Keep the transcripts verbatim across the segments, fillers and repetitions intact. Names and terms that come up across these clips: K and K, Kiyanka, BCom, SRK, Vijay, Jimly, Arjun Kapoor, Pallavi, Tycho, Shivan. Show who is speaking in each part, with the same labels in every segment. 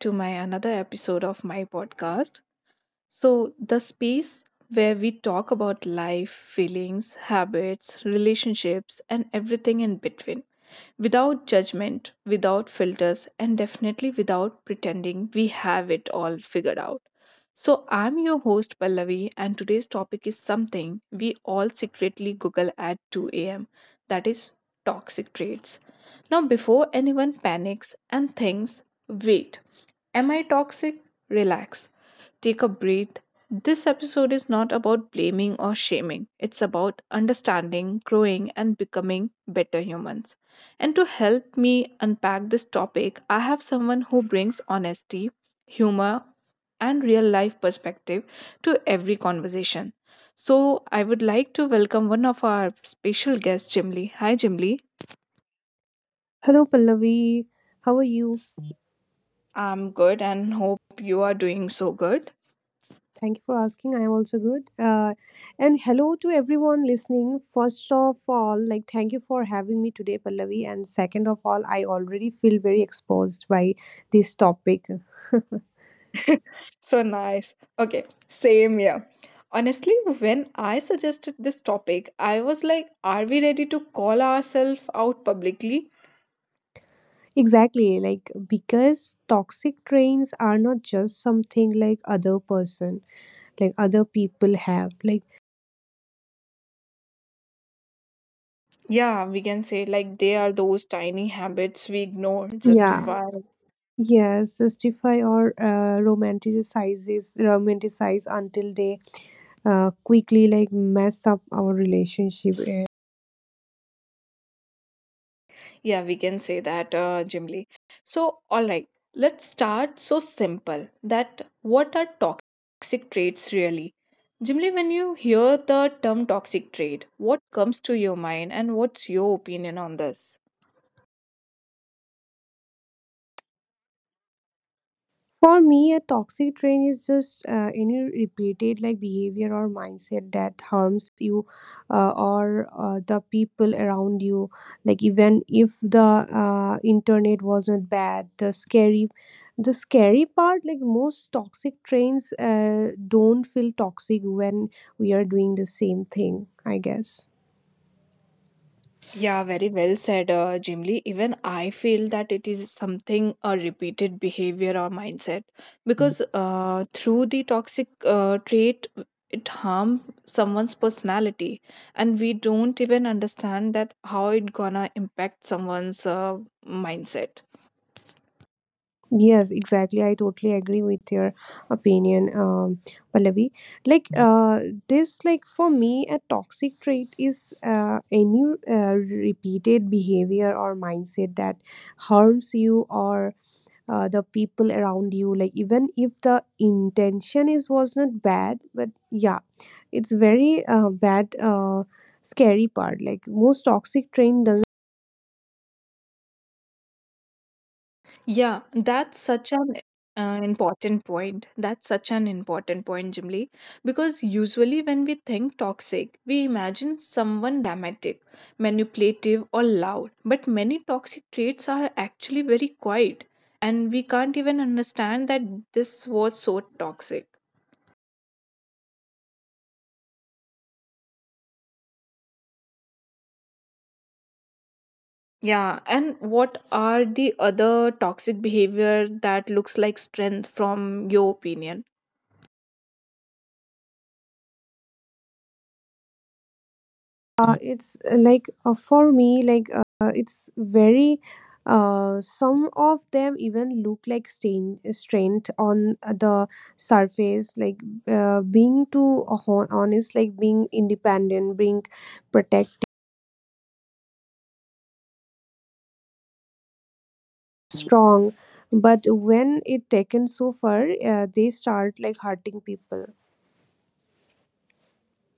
Speaker 1: To my another episode of my podcast. So, the space where we talk about life, feelings, habits, relationships, and everything in between without judgment, without filters, and definitely without pretending we have it all figured out. So, I'm your host Pallavi, and today's topic is something we all secretly Google at two a m, that is toxic traits. Now, before anyone panics and thinks, wait, am I toxic? Relax, take a breath. This episode is not about blaming or shaming, it's about understanding, growing, and becoming better humans. And to help me unpack this topic, I have someone who brings honesty, humor, and real life perspective to every conversation. So, I would like to welcome one of our special guests, Jimly. Hi, Jimly.
Speaker 2: Hello, Pallavi. How are you?
Speaker 1: I'm good and hope you are doing so good.
Speaker 2: Thank you for asking. I am also good. Uh, and hello to everyone listening. First of all, like, thank you for having me today, Pallavi. And second of all, I already feel very exposed by this topic.
Speaker 1: So nice. Okay, same here. Honestly, when I suggested this topic, I was like, are we ready to call ourselves out publicly?
Speaker 2: Exactly, like, because toxic traits are not just something like other person, like other people have. Like,
Speaker 1: Yeah, we can say like they are those tiny habits we ignore,
Speaker 3: Yeah,
Speaker 1: justify.
Speaker 3: yes, justify or uh, romanticizes romanticize until they uh, quickly like mess up our relationship. eh,
Speaker 1: Yeah, we can say that, uh, Jimly. So, all right, let's start so simple that what are toxic traits really? Jimly, when you hear the term toxic trait, what comes to your mind and what's your opinion on this?
Speaker 3: For me, a toxic train is just uh, any repeated like behavior or mindset that harms you uh, or uh, the people around you. Like even if the uh, internet wasn't bad, the scary, the scary part, like most toxic trains uh, don't feel toxic when we are doing the same thing, I guess.
Speaker 1: Yeah, very well said, uh, Jimli. Even I feel that it is something a repeated behavior or mindset because uh, through the toxic uh, trait, it harm someone's personality, and we don't even understand that how it gonna impact someone's uh, mindset.
Speaker 3: Yes, exactly. I totally agree with your opinion, um, Pallavi. Like, uh, this, like for me, a toxic trait is uh, any uh, repeated behavior or mindset that harms you or uh, the people around you. Like, even if the intention is was not bad, but yeah, it's very uh, bad. Uh, scary part, like most toxic train does
Speaker 1: Yeah, that's such an uh, important point. That's such an important point, Jimly. Because usually when we think toxic, we imagine someone dramatic, manipulative, or loud. But many toxic traits are actually very quiet, and we can't even understand that this was so toxic. Yeah, and what are the other toxic behavior that looks like strength from your opinion?
Speaker 3: uh, it's uh, like uh, for me, like uh, it's very uh, some of them even look like stain, strained on uh, the surface, like uh, being too hon- honest, like being independent, being protective, strong, but when it taken so far, uh, they start like hurting people.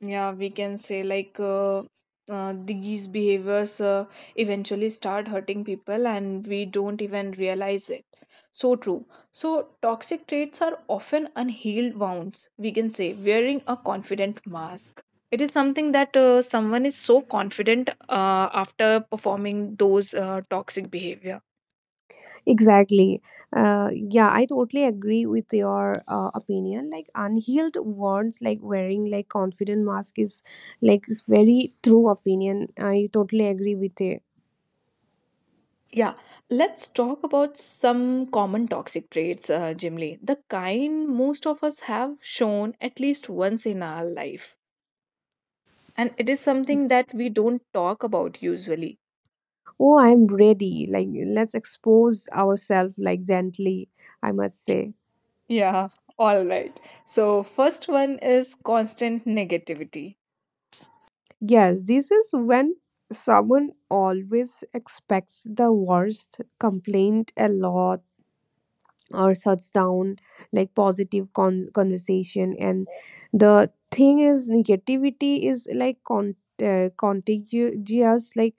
Speaker 1: Yeah, we can say like uh, uh, these behaviors uh, eventually start hurting people and we don't even realize it. So true. So toxic traits are often unhealed wounds, we can say, wearing a confident mask. It is something that uh, someone is so confident uh, after performing those uh, toxic behavior.
Speaker 3: Exactly. Uh, yeah, I totally agree with your uh, opinion, like unhealed wounds like wearing like confident mask is, like, is very true opinion. I totally agree with it.
Speaker 1: Yeah, let's talk about some common toxic traits, uh, Jimly. The kind most of us have shown at least once in our life. And it is something that we don't talk about usually.
Speaker 3: Oh, I'm ready, like let's expose ourselves like gently, I must say.
Speaker 1: Yeah, all right. So, first one is constant negativity.
Speaker 3: Yes, this is when someone always expects the worst, complained a lot, or shuts down like positive con- conversation. And the thing is, negativity is like con- uh, contagious. Like,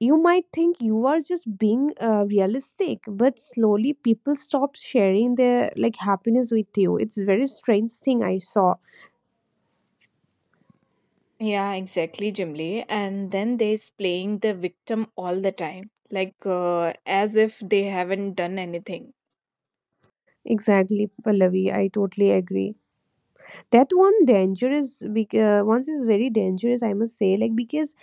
Speaker 3: you might think you are just being uh, realistic, but slowly people stop sharing their like happiness with you. It's very strange thing I saw.
Speaker 1: Yeah, exactly, Jimli. And then there's playing the victim all the time, like uh, as if they haven't done anything.
Speaker 3: Exactly, Pallavi, I totally agree that one danger is bec- uh, once is very dangerous, I must say. Like, because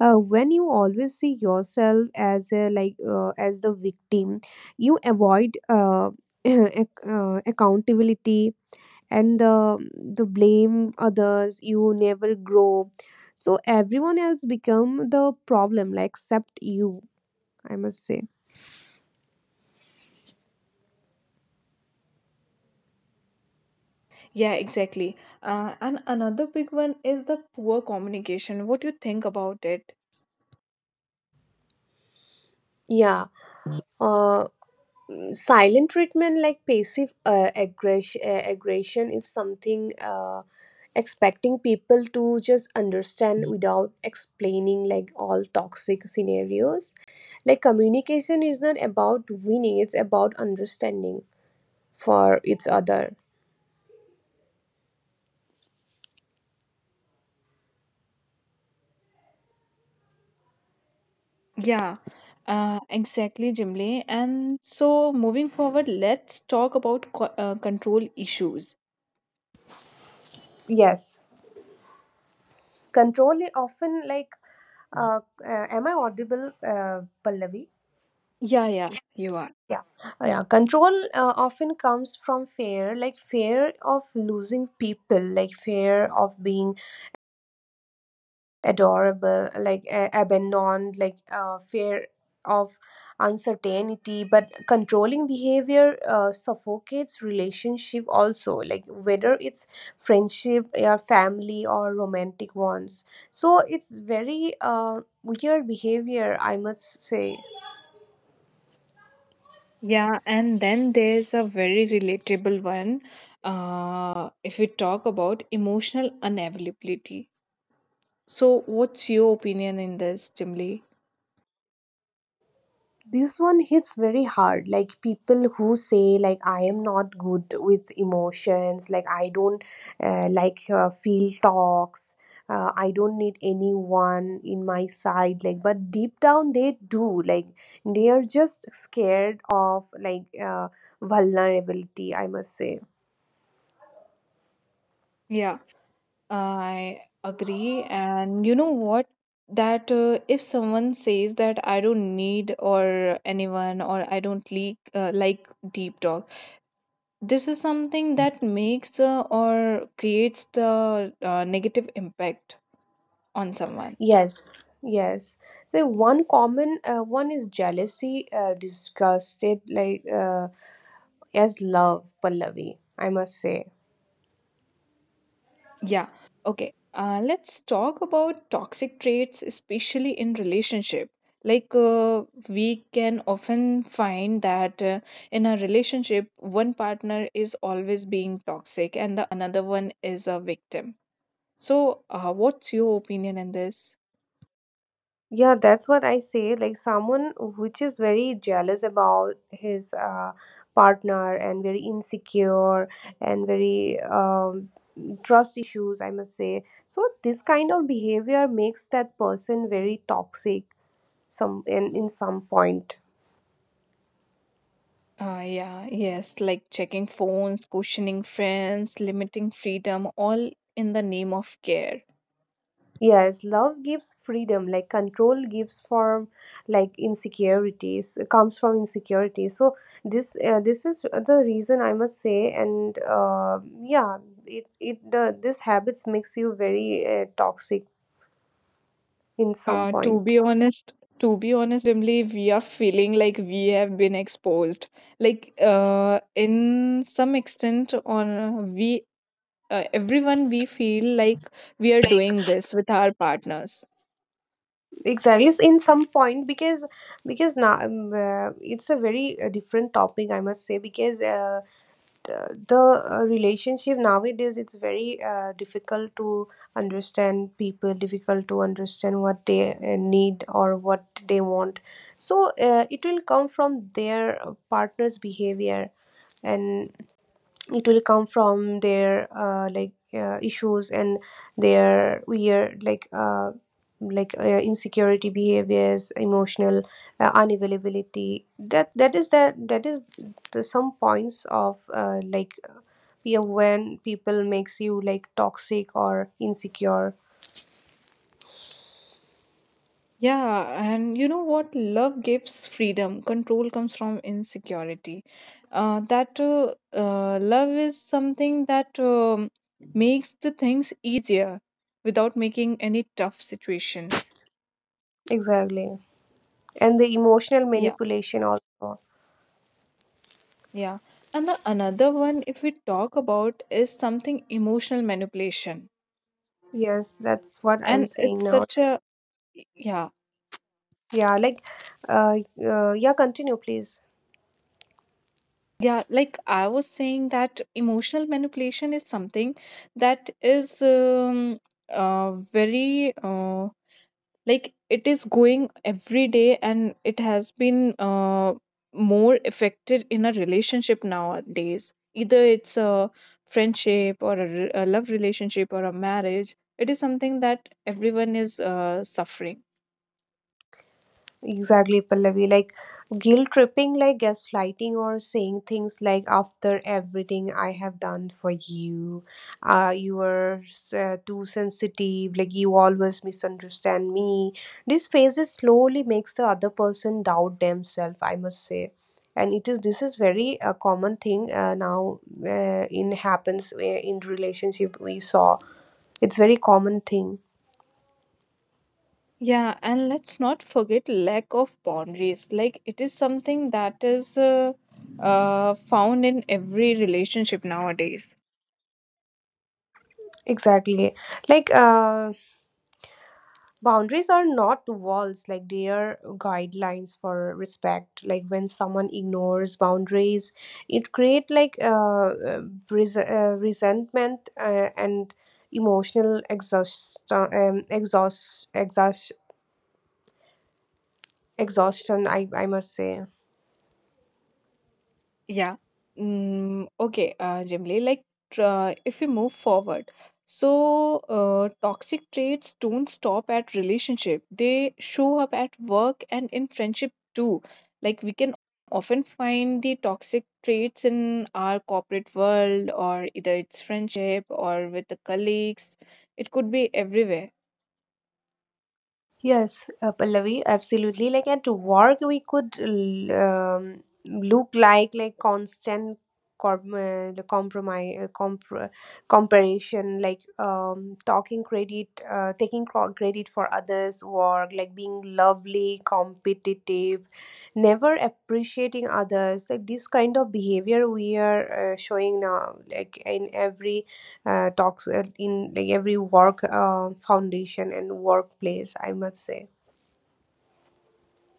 Speaker 3: uh, when you always see yourself as a like uh, as the victim, you avoid uh, ac- uh, accountability, and the the blame others. You never grow, so everyone else become the problem, like, except you, I must say.
Speaker 1: Yeah, exactly. Uh, and another big one is the poor communication. What you think about it?
Speaker 3: Yeah, uh, silent treatment, like passive uh, aggression, aggression is something. Uh, Expecting people to just understand without explaining, like all toxic scenarios, like communication is not about winning, it's about understanding for each other.
Speaker 1: Yeah, uh, exactly, Jimli. And so, moving forward, let's talk about co- uh, control issues.
Speaker 3: Yes, control is often like uh, uh, am I audible, uh, Pallavi?
Speaker 1: Yeah, yeah, you are.
Speaker 3: Yeah. Uh, yeah. Control uh, often comes from fear, like fear of losing people, like fear of being adorable, like uh, abandoned, like uh, fear of uncertainty. But controlling behavior uh, suffocates relationship also, like whether it's friendship, or family, or romantic ones. So it's very uh, weird behavior, I must say.
Speaker 1: Yeah, and then there's a very relatable one. Uh, if we talk about emotional unavailability. So, what's your opinion in this, Jimli?
Speaker 3: This one hits very hard, like people who say, like, I am not good with emotions, like I don't uh, like uh, feel talks, uh, I don't need anyone in my side, like, but deep down they do, like they are just scared of, like, uh, vulnerability, I must say.
Speaker 1: Yeah, I agree. And you know what? That uh, if someone says that I don't need or anyone or I don't like uh, like deep talk, this is something that makes uh, or creates the uh, negative impact on someone.
Speaker 3: Yes, yes, so one common uh, one is jealousy uh, disgusted like uh, as love, Pallavi, I must say.
Speaker 1: Yeah, okay, uh, let's talk about toxic traits especially in relationship, like uh, we can often find that uh, in a relationship one partner is always being toxic and the another one is a victim. So uh, what's your opinion in this?
Speaker 3: Yeah, that's what I say. Like someone which is very jealous about his uh, partner and very insecure and very um, trust issues, I must say. So this kind of behavior makes that person very toxic some in, in some point.
Speaker 1: Uh, yeah, yes, like checking phones, questioning friends, limiting freedom, all in the name of care.
Speaker 3: Yes, love gives freedom, like control gives from like insecurities, comes from insecurity. So this uh, this is the reason, I must say, and uh, yeah, it it the this habits makes you very uh, toxic in some
Speaker 1: Uh, to
Speaker 3: point.
Speaker 1: be honest, to be honest, Jimly, we are feeling like we have been exposed. Like, uh, in some extent, on uh, we uh, everyone we feel like we are
Speaker 3: Like,
Speaker 1: doing this with our partners.
Speaker 3: exactly, yes, in some point, because because now, um, uh, it's a very uh, different topic, I must say, because uh, uh, the uh, relationship nowadays, it's very uh, difficult to understand people, difficult to understand what they uh, need or what they want. So uh, it will come from their uh, partner's behavior, and it will come from their uh, like uh, issues and their weird like uh, like uh, insecurity behaviors, emotional uh, unavailability. That that is that that is the some points of uh, like, yeah, when people makes you like toxic or insecure.
Speaker 1: Yeah, and you know what? Love gives freedom. Control comes from insecurity. Uh, that uh, uh, love is something that um, makes the things easier without making any tough situation.
Speaker 3: Exactly, and the emotional
Speaker 1: Yeah,
Speaker 3: manipulation also.
Speaker 1: yeah. And the another one, if we talk about, is something emotional manipulation.
Speaker 3: Yes, that's what I'm
Speaker 1: And
Speaker 3: saying
Speaker 1: it's
Speaker 3: now.
Speaker 1: such a yeah.
Speaker 3: Yeah, like uh, uh yeah, continue please.
Speaker 1: Yeah, like I was saying that emotional manipulation is something that is um, uh, very uh, like it is going every day and it has been uh, more affected in a relationship nowadays. Either it's a friendship or a re- a love relationship or a marriage. It is something that everyone is uh, suffering.
Speaker 3: Exactly, Pallavi. Like guilt tripping, like gaslighting, or saying things like, after everything I have done for you, uh, you are uh, too sensitive, like you always misunderstand me. These phases slowly makes the other person doubt themselves, I must say. And it is, this is very uh, common thing uh, now uh, in happens uh, in relationship, we saw. It's very common thing.
Speaker 1: Yeah, and let's not forget lack of boundaries. Like it is something that is uh, uh, found in every relationship nowadays.
Speaker 3: Exactly. Like uh boundaries are not walls, like they are guidelines for respect. Like when someone ignores boundaries, it create like uh, uh, res- uh, resentment uh, and emotional exhaust, um, exhaust, exhaust, exhaustion. I I must say.
Speaker 1: Yeah. Mm, okay, uh, Jimli, like tr- if we move forward, so uh, toxic traits don't stop at relationship. They show up at work and in friendship too. Like we can often find the toxic traits in our corporate world, or either it's friendship or with the colleagues. It could be everywhere.
Speaker 3: Yes, uh, Pallavi, absolutely. Like at work, we could l- um, look like like constant com- uh, the compromise, uh, compr- comparison, like um, talking credit, uh, taking cro- credit for others' work, like being lovely, competitive, never appreciating others. Like this kind of behavior we are uh, showing now, like in every uh, talks, uh, in like every work uh, foundation and workplace, I must say.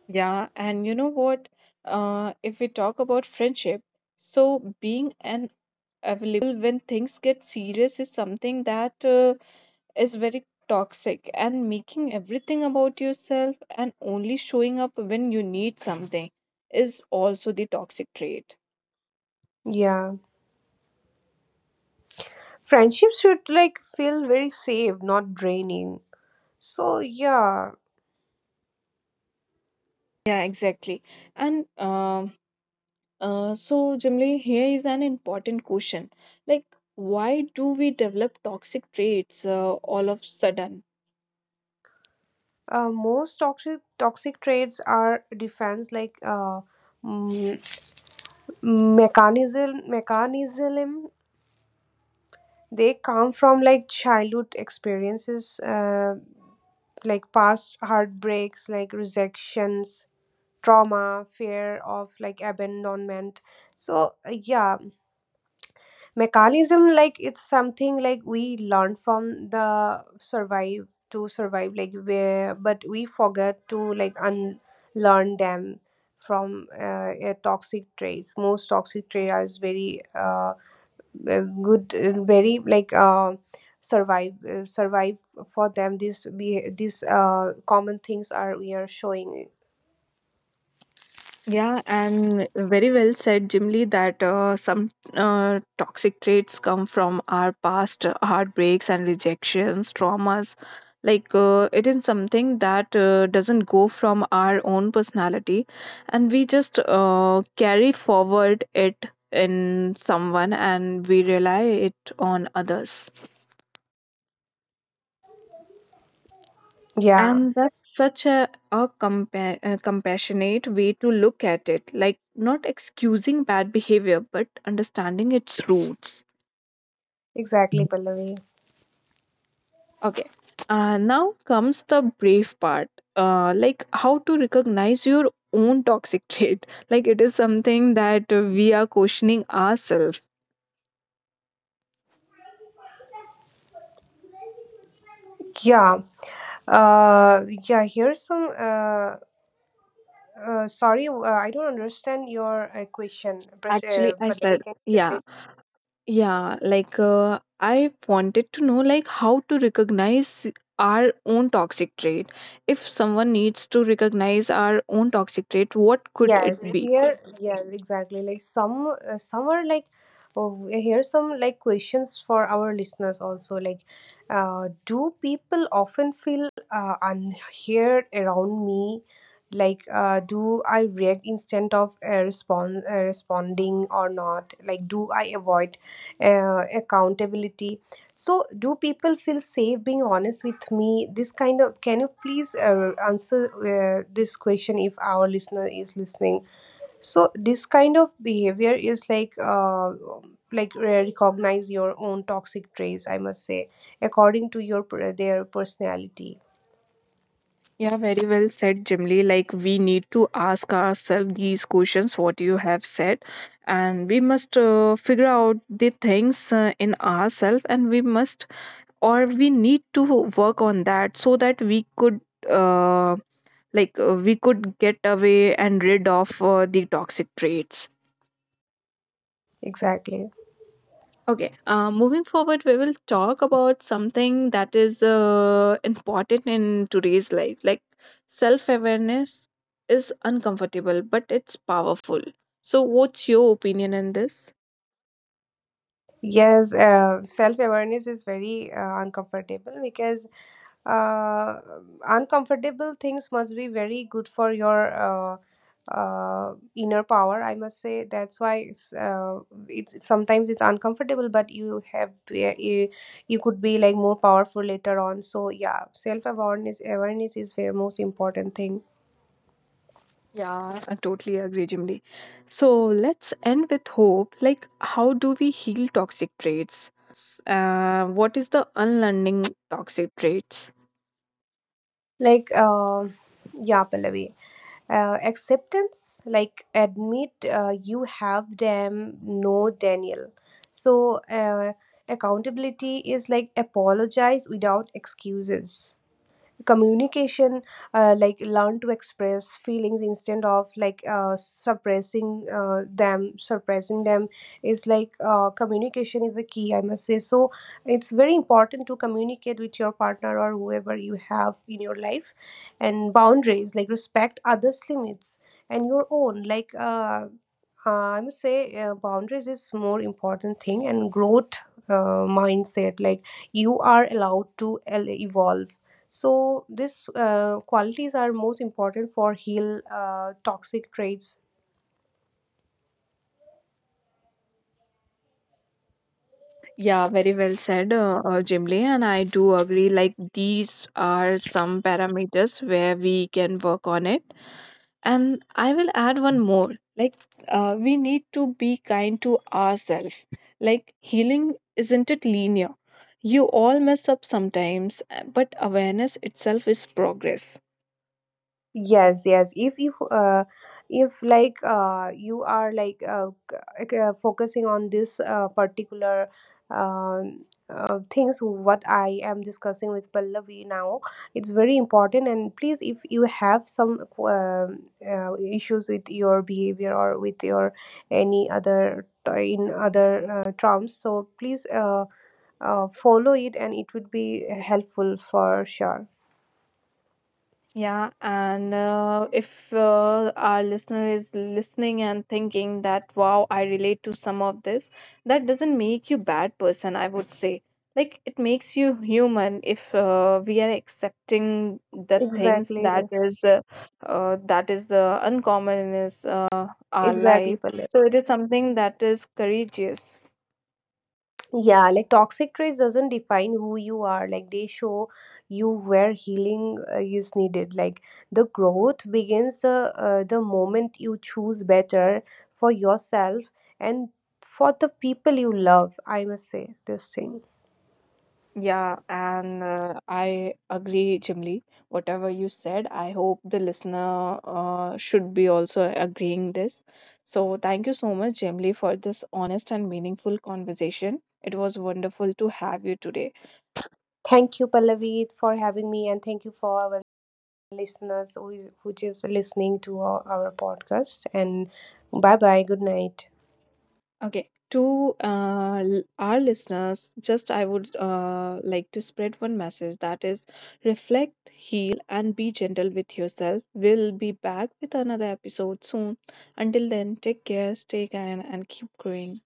Speaker 1: Yeah, and you know what? Uh, if we talk about friendship, so being an available when things get serious is something that uh, is very toxic, and making everything about yourself and only showing up when you need something is also the toxic trait.
Speaker 3: Yeah, friendships should like feel very safe, not draining. So yeah,
Speaker 1: Yeah, exactly. And um, Uh, so, Jimli, here is an important question. Like, why do we develop toxic traits uh, all of sudden?
Speaker 3: uh, most toxic toxic traits are defense, like uh, mm, mechanism mechanism. They come from like childhood experiences, uh, like past heartbreaks, like rejections, trauma, fear of like abandonment. So uh, yeah, mechanism, like it's something like we learn from the survive to survive, like, where, but we forget to like unlearn them. From uh, a toxic traits, most toxic traits are very uh, uh, good, uh, very like uh, survive uh, survive for them. These be, these uh, common things are we are showing.
Speaker 1: Yeah, and very well said, Jim, that uh, some uh, toxic traits come from our past uh, heartbreaks and rejections, traumas. Like uh, it is something that uh, doesn't go from our own personality, and we just uh, carry forward it in someone and we rely it on others.
Speaker 3: Yeah,
Speaker 1: And that's such a, a, compa- a compassionate way to look at it, like not excusing bad behavior but understanding its roots.
Speaker 3: exactly, Pallavi,
Speaker 1: Okay, uh, now comes the brave part, uh, like how to recognize your own toxic trait. Like it is something that uh, we are questioning ourselves.
Speaker 3: yeah. uh yeah Here's some uh, uh sorry, uh, I don't understand your uh, question, Pras-
Speaker 1: Actually,
Speaker 3: uh,
Speaker 1: I said
Speaker 3: Pallavi, can you
Speaker 1: yeah.
Speaker 3: repeat?
Speaker 1: Yeah, like uh, I wanted to know like how to recognize our own toxic trait. If someone needs to recognize our own toxic trait, what could it
Speaker 3: Yes,
Speaker 1: be?
Speaker 3: here, yes, exactly. Like some, uh, some are like, oh, here's some like questions for our listeners also. Like, uh, do people often feel uh, unheard around me? Like, uh, do I react instead of uh, respond uh, responding or not? Like, do I avoid uh, accountability? So, do people feel safe being honest with me? This kind of, can you please uh, answer uh, this question if our listener is listening? So, this kind of behavior is like uh, like re- recognize your own toxic traits, I must say, according to your per- their personality.
Speaker 1: Yeah, very well said, Jimly. Like we need to ask ourselves these questions, what you have said, and we must uh, figure out the things uh, in ourselves, and we must or we need to work on that so that we could um like uh, we could get away and rid of uh, the toxic traits.
Speaker 3: Exactly.
Speaker 1: Okay, uh, moving forward, we will talk about something that is uh, important in today's life. Like self awareness is uncomfortable, but it's powerful. So, what's your opinion on this?
Speaker 3: Yes, uh, self awareness is very uh, uncomfortable, because uh, uncomfortable things must be very good for your uh, uh, inner power, I must say. That's why it's, uh, it's sometimes it's uncomfortable, but you have, yeah, you, you could be like more powerful later on. So yeah, self awareness awareness is very most important thing.
Speaker 1: Yeah, I totally agree, Jimly. So let's end with hope, like how do we heal toxic traits? S- uh, what is the unlearning toxic traits?
Speaker 3: Like uh, yeah, Pallavi, uh, acceptance, like admit uh, you have them, no Daniel. So uh, accountability is like apologize without excuses. Communication, uh, like learn to express feelings instead of like uh, suppressing uh, them suppressing them is like uh, communication is the key, I must say. So it's very important to communicate with your partner or whoever you have in your life. And boundaries, like respect others limits and your own, like uh, uh, I must say uh, boundaries is more important thing. And growth uh, mindset, like you are allowed to el- evolve. So these uh, qualities are most important for heal uh, toxic traits.
Speaker 1: Yeah, very well said, uh, uh, Jimli. And I do agree, like, these are some parameters where we can work on it. And I will add one more. Like, uh, we need to be kind to ourselves. Like, healing isn't it linear? You all mess up sometimes, uh, but awareness itself is progress.
Speaker 3: Yes, yes. If if uh, if like uh, you are like uh, c- like, uh, focusing on this uh, particular um, uh, things what I am discussing with Pallavi now, it's very important. And please, if you have some um, uh, issues with your behavior or with your any other uh, in other uh, terms, so please uh, uh, follow it, and it would be helpful for sure.
Speaker 1: Yeah, and uh, if uh, our listener is listening and thinking that, wow, I relate to some of this, that doesn't make you bad person, I would say. Like it makes you human if uh, we are accepting the things
Speaker 3: Exactly,
Speaker 1: that is uh, uh, that is uh, uncommon in is, uh, our
Speaker 3: exactly,
Speaker 1: life.
Speaker 3: Pallavi.
Speaker 1: So it is something that is courageous.
Speaker 3: Yeah, like toxic traits doesn't define who you are. Like they show you where healing uh, is needed. Like the growth begins uh, uh, the moment you choose better for yourself and for the people you love. I must say this thing.
Speaker 1: Yeah, and uh, I agree, Jimly. Whatever you said, I hope the listener uh, should be also agreeing this. So thank you so much, Jimly, for this honest and meaningful conversation. It was wonderful to have you today.
Speaker 3: Thank you, Pallavi, for having me, and thank you for our listeners who is, who is listening to our, our podcast. And bye bye. Good night.
Speaker 1: Okay, to uh, l- our listeners, just I would uh, like to spread one message that is reflect, heal, and be gentle with yourself. We'll be back with another episode soon. Until then, take care, stay kind, and keep growing.